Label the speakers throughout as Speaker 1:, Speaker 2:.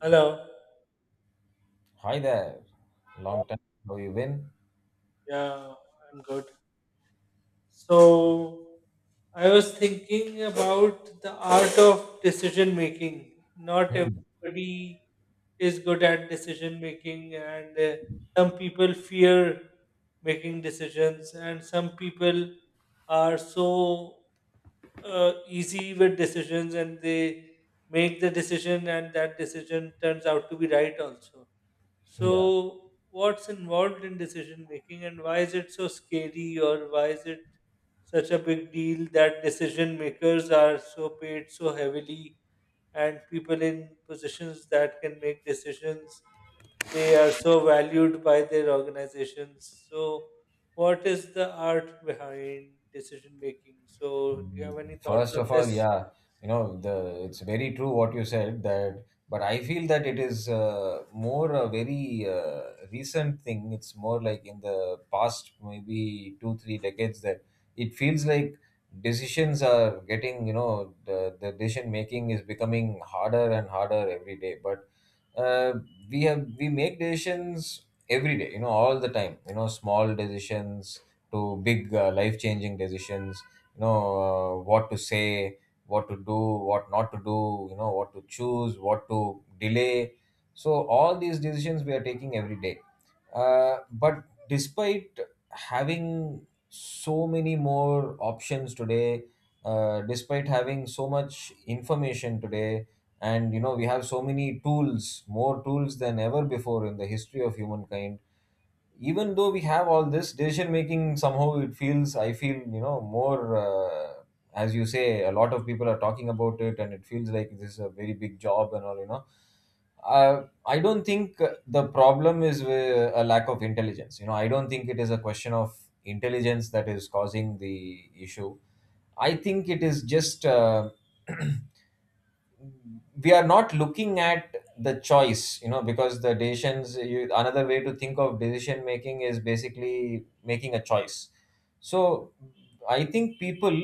Speaker 1: Hello.
Speaker 2: Hi there. Long time. How you been?
Speaker 1: Yeah, I'm good. So, I was thinking about the art of decision making. Not
Speaker 2: Hmm.
Speaker 1: everybody is good at decision making, and some people fear making decisions, and some people are so easy with decisions and they make the decision, and that decision turns out to be right also.
Speaker 2: Yeah.
Speaker 1: So, what's involved in decision making and why is it so scary, or why is it such a big deal that decision makers are so paid so heavily and people in positions that can make decisions they are so valued by their organizations. So, what is the art behind decision making? So, do you have any thoughts
Speaker 2: First
Speaker 1: on
Speaker 2: of all,
Speaker 1: this?
Speaker 2: yeah, you know, the it's very true what you said, that, but I feel that it is more a very recent thing. It's more like in the past maybe two, three decades that it feels like decisions are getting, you know, the decision making is becoming harder and harder every day. But uh, we make decisions every day, you know, all the time, you know, small decisions to big life changing decisions, you know, what to say, what to do, what not to do, you know, what to choose, what to delay. So all these decisions we are taking every day, but despite having so many more options today, despite having so much information today, and you know we have so many tools, more tools than ever before in the history of humankind. Even though we have all this decision making, somehow it feels, I feel, you know, more, as you say, a lot of people are talking about it and it feels like this is a very big job and all, you know. I don't think the problem is with a lack of intelligence. You know, I don't think it is a question of intelligence that is causing the issue. I think it is just we are not looking at the choice, you know, because another way to think of decision making is basically making a choice. So I think people,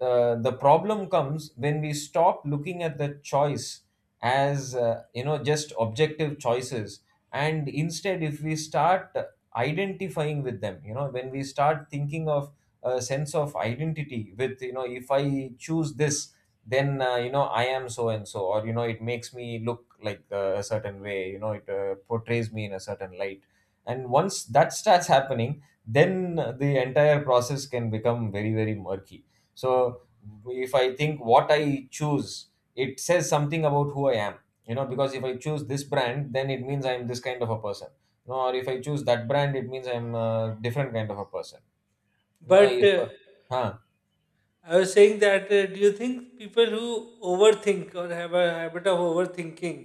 Speaker 2: the problem comes when we stop looking at the choice as, you know, just objective choices, and instead if we start identifying with them. You know, when we start thinking of a sense of identity, with, you know, if I choose this, then, you know, I am so and so, or you know it makes me look like, a certain way, you know, it portrays me in a certain light. And once that starts happening, then the entire process can become very, very murky. So if I think what I choose, it says something about who I am. You know, because if I choose this brand, then it means I am this kind of a person, you know, or if I choose that brand, it means I'm a different kind of a person, you know.
Speaker 1: But
Speaker 2: If huh
Speaker 1: I was saying that do you think people who overthink or have a habit of overthinking,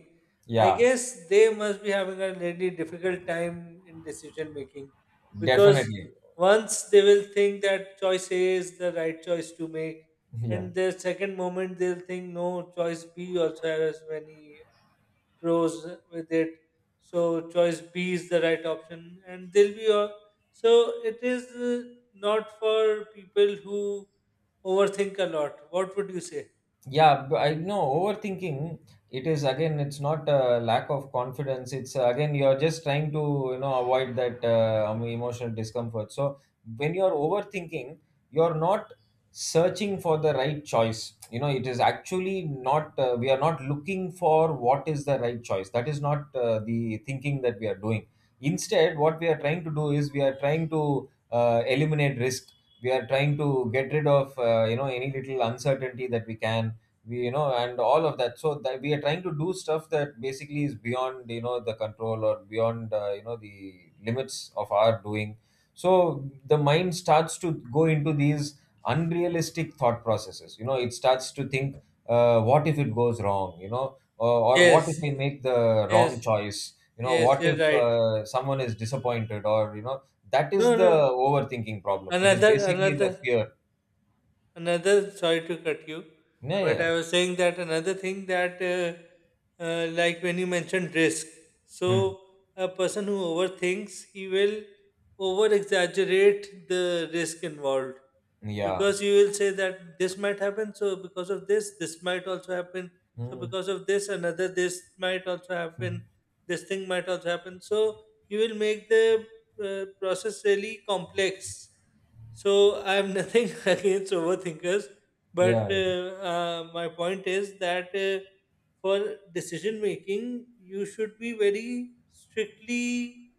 Speaker 1: I
Speaker 2: Yeah,
Speaker 1: guess they must be having a really difficult time in decision making because
Speaker 2: definitely.
Speaker 1: once they will think that choice A is the right choice to make,
Speaker 2: Yeah.
Speaker 1: and the second moment they'll think no, choice B also has many pros with it. So choice B is the right option, and they'll be all, so it is not for people who overthink a lot. What would you say?
Speaker 2: I know overthinking, it is again, it's not a lack of confidence. It's, again, you're just trying to, you know, avoid that emotional discomfort. So when you're overthinking, you're not searching for the right choice. You know, it is actually not, we are not looking for what is the right choice. That is not the thinking that we are doing. Instead, what we are trying to do is we are trying to eliminate risk. We are trying to get rid of, you know, any little uncertainty that we can. We you know and all of that, so that we are trying to do stuff that basically is beyond, you know, the control or beyond, you know, the limits of our doing. So the mind starts to go into these unrealistic thought processes. You know, it starts to think, what if it goes wrong, you know, or what
Speaker 1: Yes,
Speaker 2: if I make the wrong
Speaker 1: yes,
Speaker 2: choice, you know,
Speaker 1: yes.
Speaker 2: what
Speaker 1: You're
Speaker 2: if
Speaker 1: right.
Speaker 2: someone is disappointed, or you know. That is
Speaker 1: No,
Speaker 2: the
Speaker 1: no.
Speaker 2: overthinking problem. It is
Speaker 1: Another,
Speaker 2: basically the
Speaker 1: another.
Speaker 2: fear.
Speaker 1: Another, sorry to cut you,
Speaker 2: yeah yeah
Speaker 1: but
Speaker 2: yeah,
Speaker 1: I was saying that another thing that, like when you mentioned risk,
Speaker 2: Hmm.
Speaker 1: so a person who overthinks, he will over exaggerate the risk involved
Speaker 2: Yeah.
Speaker 1: because you will say that this might happen, so because of this, this might also happen, so
Speaker 2: Hmm.
Speaker 1: because of this, another this might also happen, this thing might also happen. So you will make the process really complex, so I have nothing against overthinkers, but
Speaker 2: Yeah.
Speaker 1: my point is that for decision making, you should be very strictly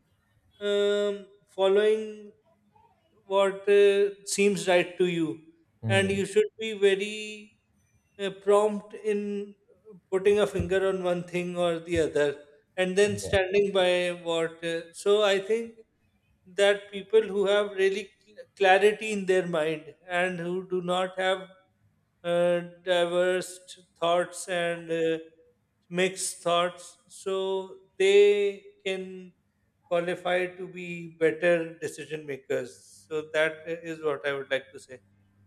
Speaker 1: following what seems right to you, and
Speaker 2: Hmm.
Speaker 1: you should be very prompt in putting a finger on one thing or the other, and then
Speaker 2: Yeah.
Speaker 1: standing by what. So I think that people who have really clarity in their mind and who do not have diverse thoughts and mixed thoughts, so they can qualify to be better decision makers. So that is what I would like to say.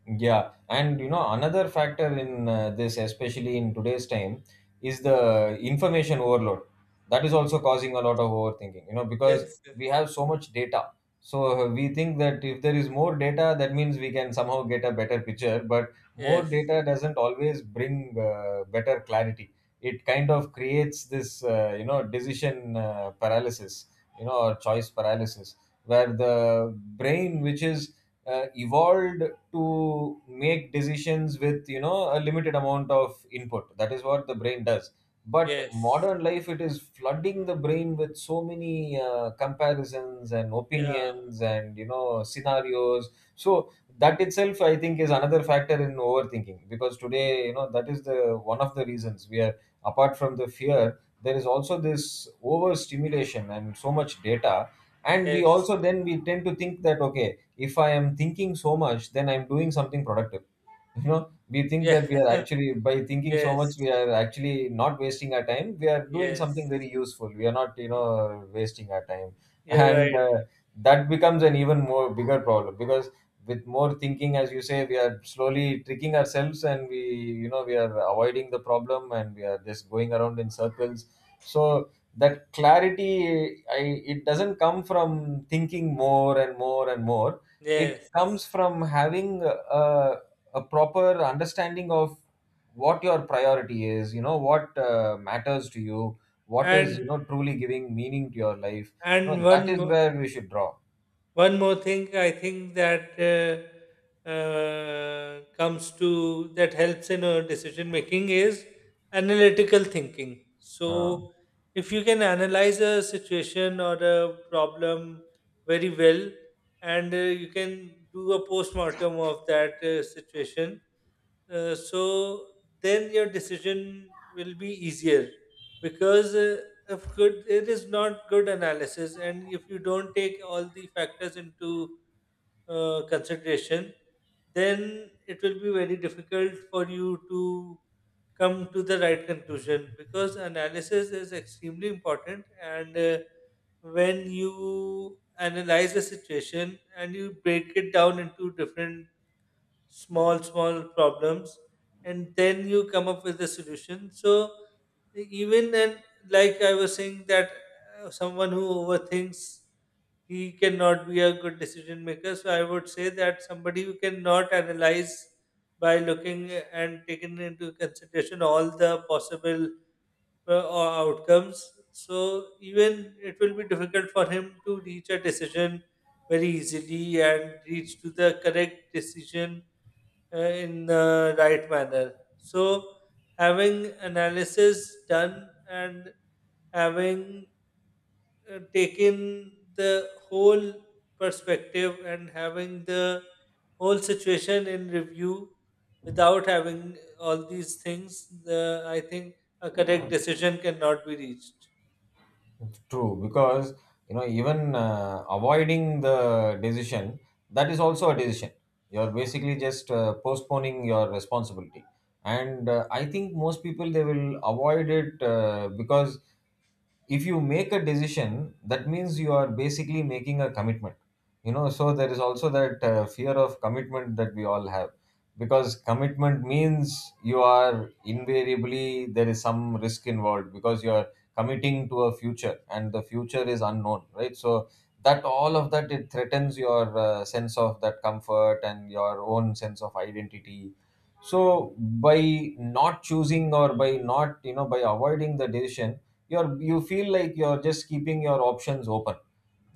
Speaker 2: Yeah, and you know another factor in this, especially in today's time, is the information overload. That is also causing a lot of overthinking. You know, because
Speaker 1: Yes, yes,
Speaker 2: we have so much data, so we think that if there is more data, that means we can somehow get a better picture. But more
Speaker 1: yes,
Speaker 2: data doesn't always bring better clarity. It kind of creates this, you know, decision, paralysis, you know, or choice paralysis, where the brain, which is evolved to make decisions with, you know, a limited amount of input. That is what the brain does. But
Speaker 1: yes.
Speaker 2: modern life, it is flooding the brain with so many comparisons and
Speaker 1: Yeah,
Speaker 2: opinions and, you know, scenarios. So that itself, I think, is another factor in overthinking, because today, you know, that is the one of the reasons we are, apart from the fear, there is also this overstimulation and so much data. And we
Speaker 1: yes,
Speaker 2: also then we tend to think that, okay, if I am thinking so much, then I'm doing something productive. You know, we think
Speaker 1: yeah,
Speaker 2: that we are actually, by thinking so much,
Speaker 1: yes,
Speaker 2: we are actually not wasting our time, we are doing something
Speaker 1: yes.
Speaker 2: very useful, we are not, you know,
Speaker 1: Y-
Speaker 2: wasting our time.
Speaker 1: You're
Speaker 2: And
Speaker 1: right.
Speaker 2: that becomes an even more bigger problem, because with more thinking, as you say, we are slowly tricking ourselves, and we you know, we are avoiding the problem, and we are just going around in circles. So that clarity, it doesn't come from thinking more and more and more. It comes
Speaker 1: Yes,
Speaker 2: from having a proper understanding of what your priority is, you know, what matters to you, what is, you
Speaker 1: and
Speaker 2: know, truly giving meaning to your life. You know,
Speaker 1: and
Speaker 2: that
Speaker 1: one
Speaker 2: is
Speaker 1: more.
Speaker 2: where we should draw.
Speaker 1: One more thing I think that comes to that helps in decision making is analytical thinking. So, if you can analyze a situation or a problem very well, and you can do a postmortem of that situation, so then your decision will be easier because if good it is not good analysis and if you don't take all the factors into consideration, then it will be very difficult for you to come to the right conclusion because analysis is extremely important, and when you analyze a situation and you break it down into different small small problems and then you come up with a solution. So even and like I was saying that someone who overthinks, he cannot be a good decision maker. So I would say that somebody who cannot analyze by looking and taking into consideration all the possible outcomes, so even it will be difficult for him to reach a decision very easily and reach to the correct decision in the right manner. So, having analysis done and having taken the whole perspective and having the whole situation in review, without having all these things, I think a correct decision cannot be reached.
Speaker 2: True, because you know, even avoiding the decision, that is also a decision. You're basically just postponing your responsibility, and I think most people they will avoid it because if you make a decision, that means you are basically making a commitment. You know, so there is also that fear of commitment that we all have, because commitment means you are invariably, there is some risk involved, because you are committing to a future, and the future is unknown, right? So that, all of that, it threatens your sense of that comfort and your own sense of identity. So by not choosing, or by not, you know, by avoiding the decision, you feel like you're just keeping your options open.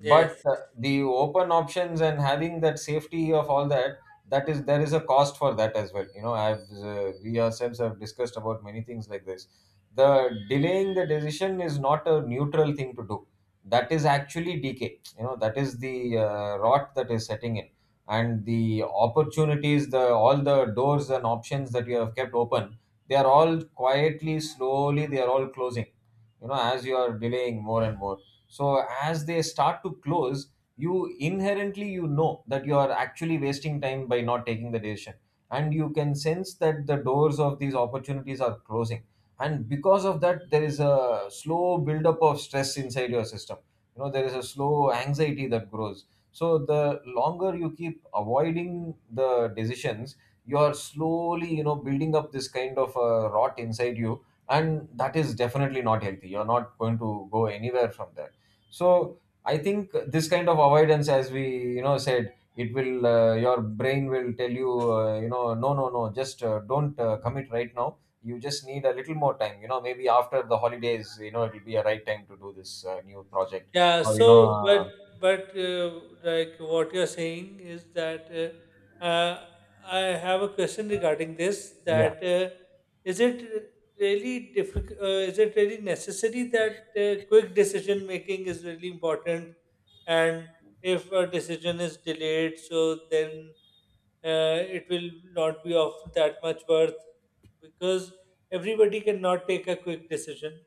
Speaker 2: But the open options and having that safety of all that, that is, there is a cost for that as well. You know, I've, we ourselves have discussed about many things like this. The delaying the decision is not a neutral thing to do. That is actually decay. You know, that is the rot that is setting in. And the opportunities, the all the doors and options that you have kept open, they are all quietly, slowly, they are all closing. You know, as you are delaying more and more, so as they start to close, you inherently you know that you are actually wasting time by not taking the decision. And you can sense that the doors of these opportunities are closing, and because of that, there is a slow buildup of stress inside your system. You know, there is a slow anxiety that grows. So the longer you keep avoiding the decisions, you are slowly, you know, building up this kind of rot inside you, and that is definitely not healthy. You're not going to go anywhere from there. So I think this kind of avoidance, as we, you know, said, it will, your brain will tell you, you know, no, no, no, just don't commit right now. You just need a little more time. You know, maybe after the holidays, you know, it will be a right time to do this new project,
Speaker 1: Yeah,
Speaker 2: or you know
Speaker 1: so but but like what you're saying is that uh, uh, I have a question regarding this
Speaker 2: yeah.
Speaker 1: that is it really difficult, is it really necessary that quick decision making is really important and if a decision is delayed so then it will not be of that much worth because everybody cannot take a quick decision.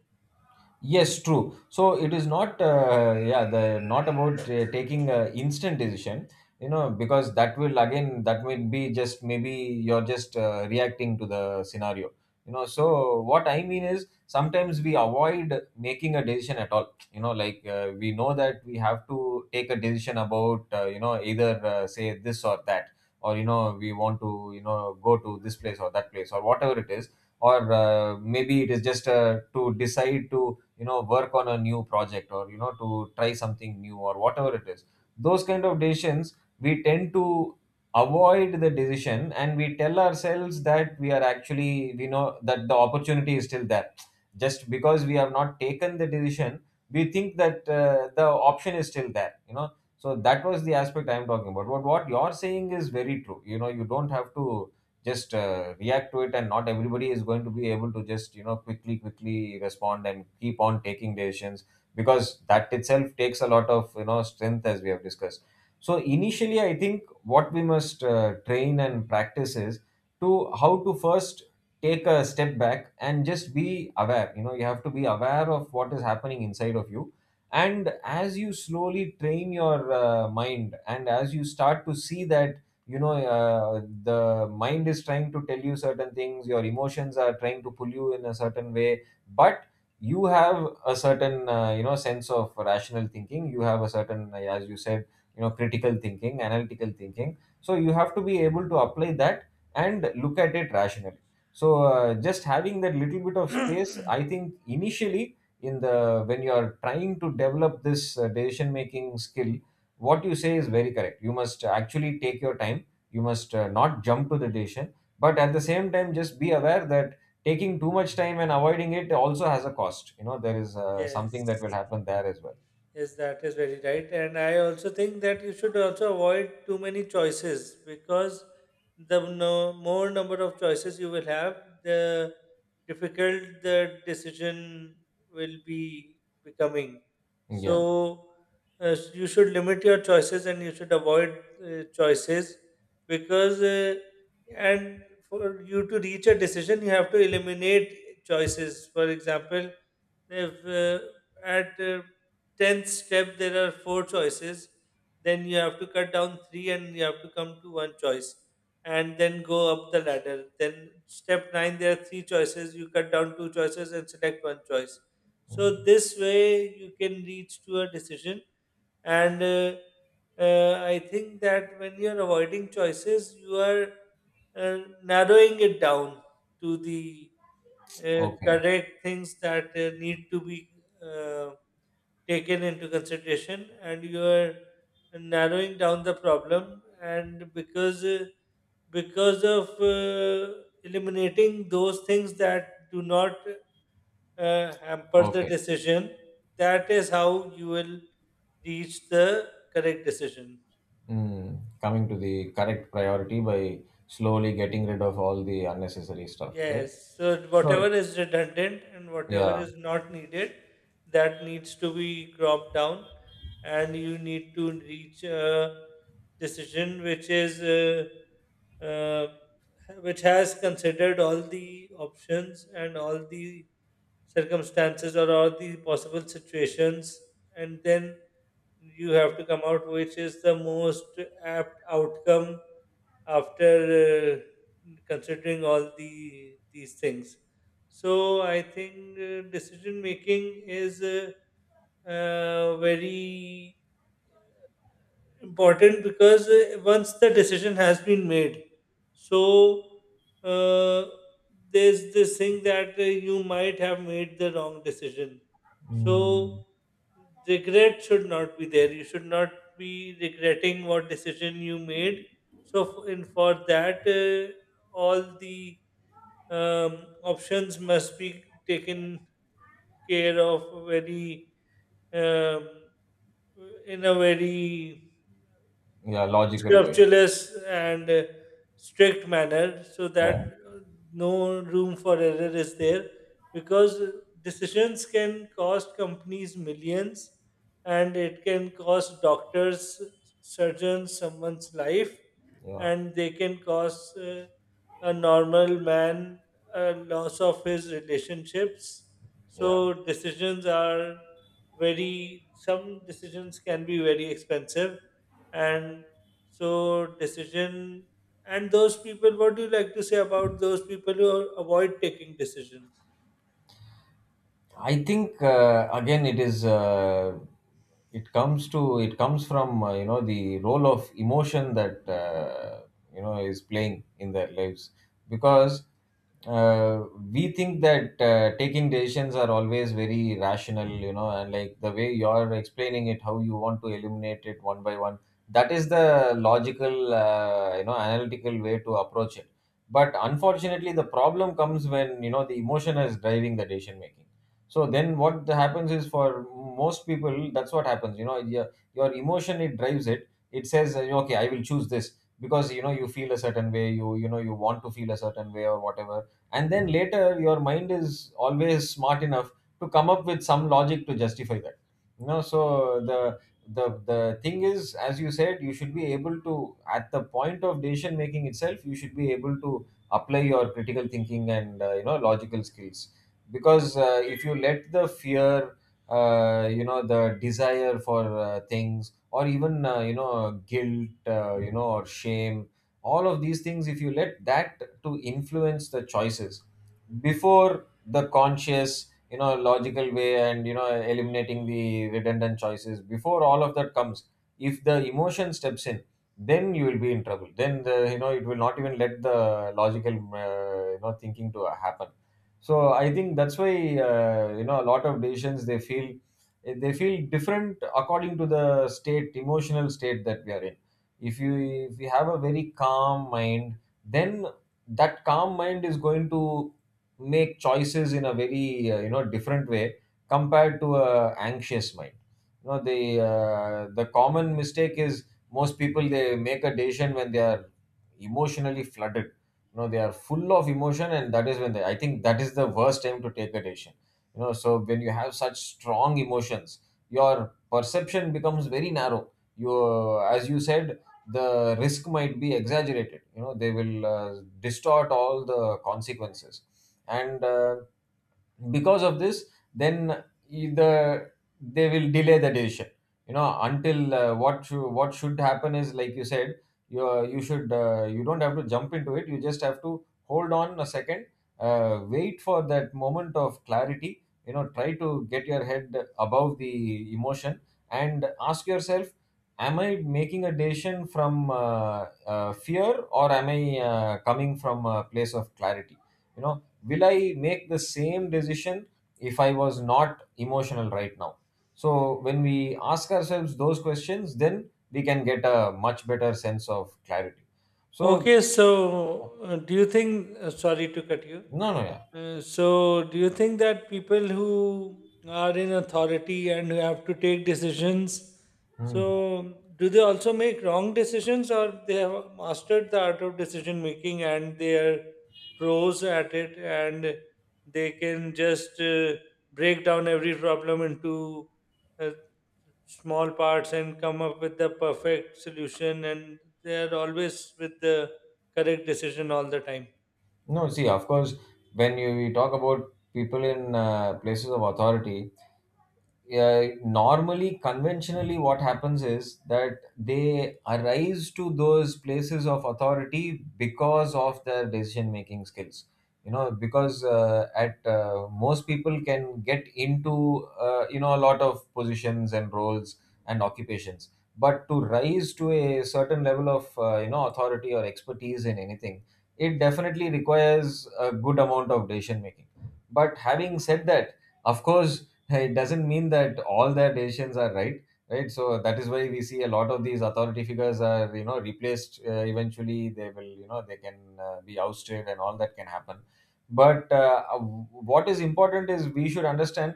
Speaker 2: Yes, true. So it is not, yeah, the not about taking a instant decision, you know, because that will again, that will be just maybe you're just reacting to the scenario, you know. So what I mean is, sometimes we avoid making a decision at all, like we know that we have to take a decision about, either say this or that, or we want to, go to this place or that place or whatever it is, or maybe it is just to decide to work on a new project, or to try something new or whatever it is. Those kind of decisions, we tend to avoid the decision, and we tell ourselves that we are actually we know that the opportunity is still there just because we have not taken the decision. We think that the option is still there. So that was the aspect I'm talking about. But what you're saying is very true. You don't have to just react to it, and not everybody is going to be able to just quickly respond and keep on taking decisions, because that itself takes a lot of strength, as we have discussed. So initially, I think what we must train and practice is to how to first take a step back and just be aware. You have to be aware of what is happening inside of you. And as you slowly train your mind, and as you start to see that, you know uh, the mind is trying to tell you certain things, your emotions are trying to pull you in a certain way, but you have a certain sense of rational thinking. You have a certain as you said, critical thinking, analytical thinking, so you have to be able to apply that and look at it rationally. So just having that little bit of space, I think, initially in the when you are trying to develop this decision making skill, what you say is very correct. You must actually take your time. You must not jump to the decision, but at the same time just be aware that taking too much time and avoiding it also has a cost. There is something that will
Speaker 1: Yes.
Speaker 2: happen there as well.
Speaker 1: Yes, that is very right. And I also think that you should also avoid too many choices because the no, more number of choices you will have, the difficult the decision will be becoming.
Speaker 2: Yeah.
Speaker 1: So you should limit your choices and you should avoid choices because and for you to reach a decision, you have to eliminate choices. For example, if at 10th step there are four choices, then you have to cut down three and you have to come to one choice and then go up the ladder. Then step 9 there are three choices, you cut down two choices and select one choice. So this way you can reach to a decision and I think that when you are avoiding choices, you are uh, narrowing it down to the
Speaker 2: Okay.
Speaker 1: correct things that need to be uh, taken into consideration, and you are narrowing down the problem and because of eliminating those things that do not hamper the
Speaker 2: Okay.
Speaker 1: decision, that is how you will reach the correct decision.
Speaker 2: Mm. Coming to the correct priority by slowly getting rid of all the unnecessary stuff, right?
Speaker 1: Yes, so whatever
Speaker 2: So,
Speaker 1: is redundant and whatever
Speaker 2: yeah.
Speaker 1: is not needed, that needs to be cropped down, and you need to reach a decision which is which has considered all the options and all the circumstances or all the possible situations, and then you have to come out which is the most apt outcome after considering all the these things. So I think decision making is very important because once the decision has been made, so uh, there's this thing that you might have made the wrong decision. So
Speaker 2: Mm.
Speaker 1: regret should not be there. You should not be regretting what decision you made. So f- in for that, all the um, options must be taken care of very um, in a very
Speaker 2: Yeah, logical way.
Speaker 1: scrupulous and strict manner so that
Speaker 2: Yeah.
Speaker 1: uh, no room for error is there because decisions can cost companies millions and it can cost doctors surgeons someone's life,
Speaker 2: Yeah.
Speaker 1: and they can cause a normal man a loss of his relationships.
Speaker 2: Yeah.
Speaker 1: So decisions are very some decisions can be very expensive, and so decision and those people. What do you like to say about those people who avoid taking decisions?
Speaker 2: I think again it is, it comes from, the role of emotion that, is playing in their lives. Because uh, we think that taking decisions are always very rational, and like the way you're explaining it, how you want to eliminate it one by one — that is the logical, analytical way to approach it. But unfortunately the problem comes when the emotion is driving the decision making. So then what happens is, for most people, that's what happens. Your emotion, it drives it. It says, okay, I will choose this, because, you feel a certain way, you want to feel a certain way, or whatever. And then later your mind is always smart enough to come up with some logic to justify that. So the thing is, as you said, you should be able to, at the point of decision making itself, you should be able to apply your critical thinking and, logical skills, because if you let the fear, the desire for things, or even guilt, or shame — all of these things, if you let that to influence the choices before the conscious, logical way, and eliminating the redundant choices, before all of that comes, if the emotion steps in, then you will be in trouble. Then the you know it will not even let the logical, thinking to happen. So I think that's why, a lot of decisions, they feel different according to the state emotional state that we are in. If you if you have a very calm mind, then that calm mind is going to make choices in a very, different way compared to a anxious mind. The common mistake is, most people they make a decision when they are emotionally flooded. They are full of emotion, and that is when I think that is the worst time to take a decision. So when you have such strong emotions, your perception becomes very narrow. You As you said, the risk might be exaggerated. They will distort all the consequences. And because of this, then either they will delay the decision, until, what should happen is, like you said, you don't have to jump into it. You just have to hold on a second, wait for that moment of clarity. Try to get your head above the emotion and ask yourself, am I making a decision from, fear, or am I, coming from a place of clarity? You know will I make the same decision if I was not emotional right now? So when we ask ourselves those questions, then we can get a much better sense of clarity. So,
Speaker 1: Okay, so do you think? Sorry to cut you.
Speaker 2: no, no, yeah.
Speaker 1: So, do you think that people who are in authority and who have to take decisions,
Speaker 2: Hmm.
Speaker 1: so do they also make wrong decisions, or they have mastered the art of decision making and they are pros at it, and they can just break down every problem into uh, small parts and come up with the perfect solution, and they are always with the correct decision all the time.
Speaker 2: No. See, of course, when you we talk about people in, places of authority, yeah, normally, conventionally, what happens is that they arise to those places of authority because of their decision making skills. Because, at most people can get into, a lot of positions and roles and occupations, but to rise to a certain level of, authority or expertise in anything, it definitely requires a good amount of decision making. But having said that, of course — hey, it doesn't mean that all their decisions are right. Right, so that is why we see a lot of these authority figures are, replaced. Eventually they will, they can be ousted, and all that can happen. But what is important is, we should understand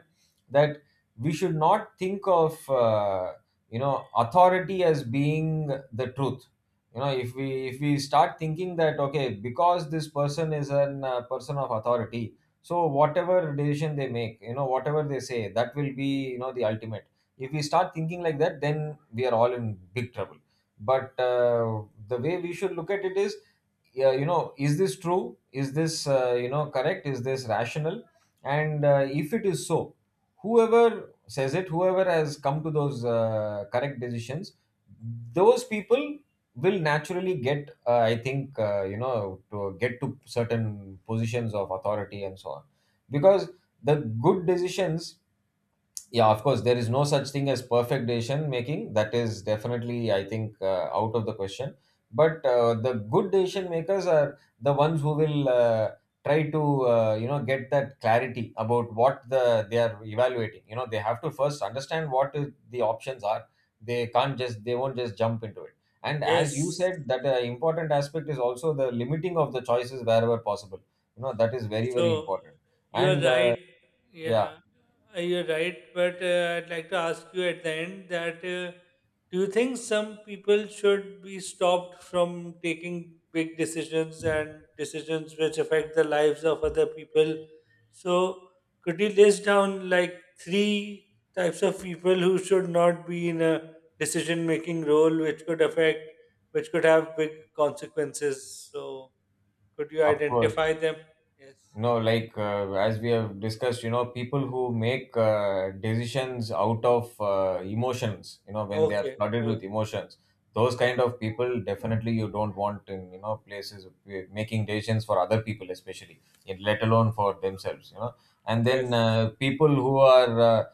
Speaker 2: that we should not think of, authority as being the truth. If we start thinking that, okay, because this person is an person of authority, so whatever decision they make, whatever they say, that will be, the ultimate — if we start thinking like that, then we are all in big trouble. But the way we should look at it is, yeah, is this true? Is this, correct? Is this rational? And if it is so, whoever says it, whoever has come to those, correct decisions, those people will naturally get, I think, to get to certain positions of authority and so on. Because the good decisions, yeah, of course, there is no such thing as perfect decision making. That is definitely, I think, out of the question. But the good decision makers are the ones who will, try to, get that clarity about what they are evaluating. They have to first understand the options are. They won't just jump into it. And as you
Speaker 1: Yes.
Speaker 2: said, that important aspect is also the limiting of the choices wherever possible. That is very, very
Speaker 1: So
Speaker 2: important.
Speaker 1: you are
Speaker 2: And
Speaker 1: right.
Speaker 2: yeah,
Speaker 1: Yeah, you're right. But I'd like to ask you at the end that do you think some people should be stopped from taking big decisions and decisions which affect the lives of other people? So could you list down like three types of people who should not be in a decision making role which could affect, which could have big consequences? So could you
Speaker 2: of course.
Speaker 1: identify them? Yes.
Speaker 2: No, like, as we have discussed, people who make decisions out of emotions, when they are
Speaker 1: Okay.
Speaker 2: flooded
Speaker 1: Okay.
Speaker 2: with emotions, those kind of people, definitely you don't want in, places where making decisions for other people, especially, and let alone for themselves. And
Speaker 1: Yes.
Speaker 2: then,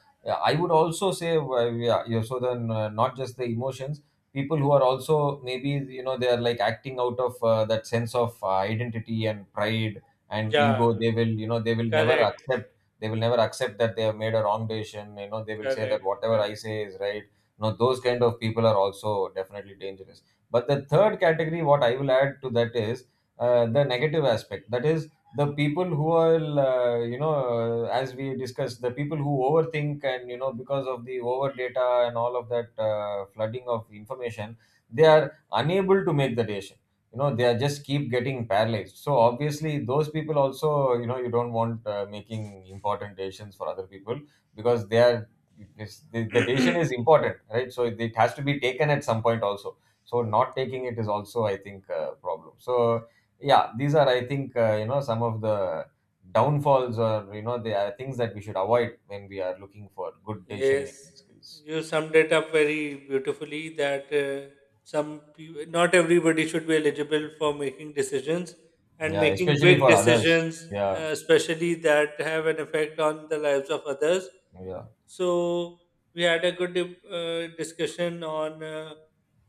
Speaker 2: I would also say, yeah, yeah, so then, not just the emotions — people who are also maybe, they are like acting out of that sense of identity and pride and
Speaker 1: Yeah.
Speaker 2: ego. They will never
Speaker 1: Correct.
Speaker 2: accept, that they have made a wrong decision. They will say that
Speaker 1: Correct.
Speaker 2: whatever I
Speaker 1: Correct.
Speaker 2: say is right. Those kind of people are also definitely dangerous. But the third category, what I will add to that, is the negative aspect. That is, the people who are, as we discussed, the people who overthink, and because of the over data and all of that flooding of information, they are unable to make the decision. They are just keep getting paralyzed, so obviously those people also, you don't want making important decisions for other people, because they are the decision is important, right? So it has to be taken at some point also. So not taking it is also, I think, a problem. So, yeah, these are, I think, some of the downfalls, or they are things that we should avoid when we are looking for good decision
Speaker 1: Yes.
Speaker 2: making skills.
Speaker 1: You summed it up very beautifully that some people, not everybody should be eligible for making decisions and
Speaker 2: Yeah,
Speaker 1: making
Speaker 2: especially
Speaker 1: big
Speaker 2: for others.
Speaker 1: decisions,
Speaker 2: Yeah.
Speaker 1: especially that have an effect on the lives of others.
Speaker 2: Yeah.
Speaker 1: So we had a good discussion on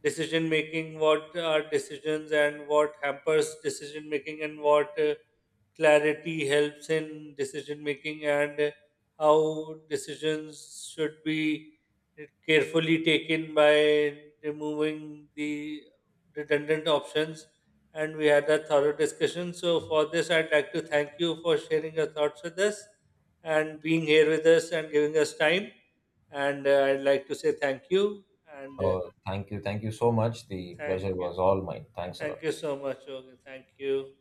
Speaker 1: decision making, what are decisions and what hampers decision making and what clarity helps in decision making and how decisions should be carefully taken by removing the redundant options, and we had a thorough discussion. So for this I'd like to thank you for sharing your thoughts with us and being here with us and giving us time, and I'd like to say thank you, and
Speaker 2: Oh, thank you. Thank you so much. The
Speaker 1: thank
Speaker 2: pleasure
Speaker 1: you,
Speaker 2: was all mine. Thanks a lot.
Speaker 1: thank you so much. Okay, thank you.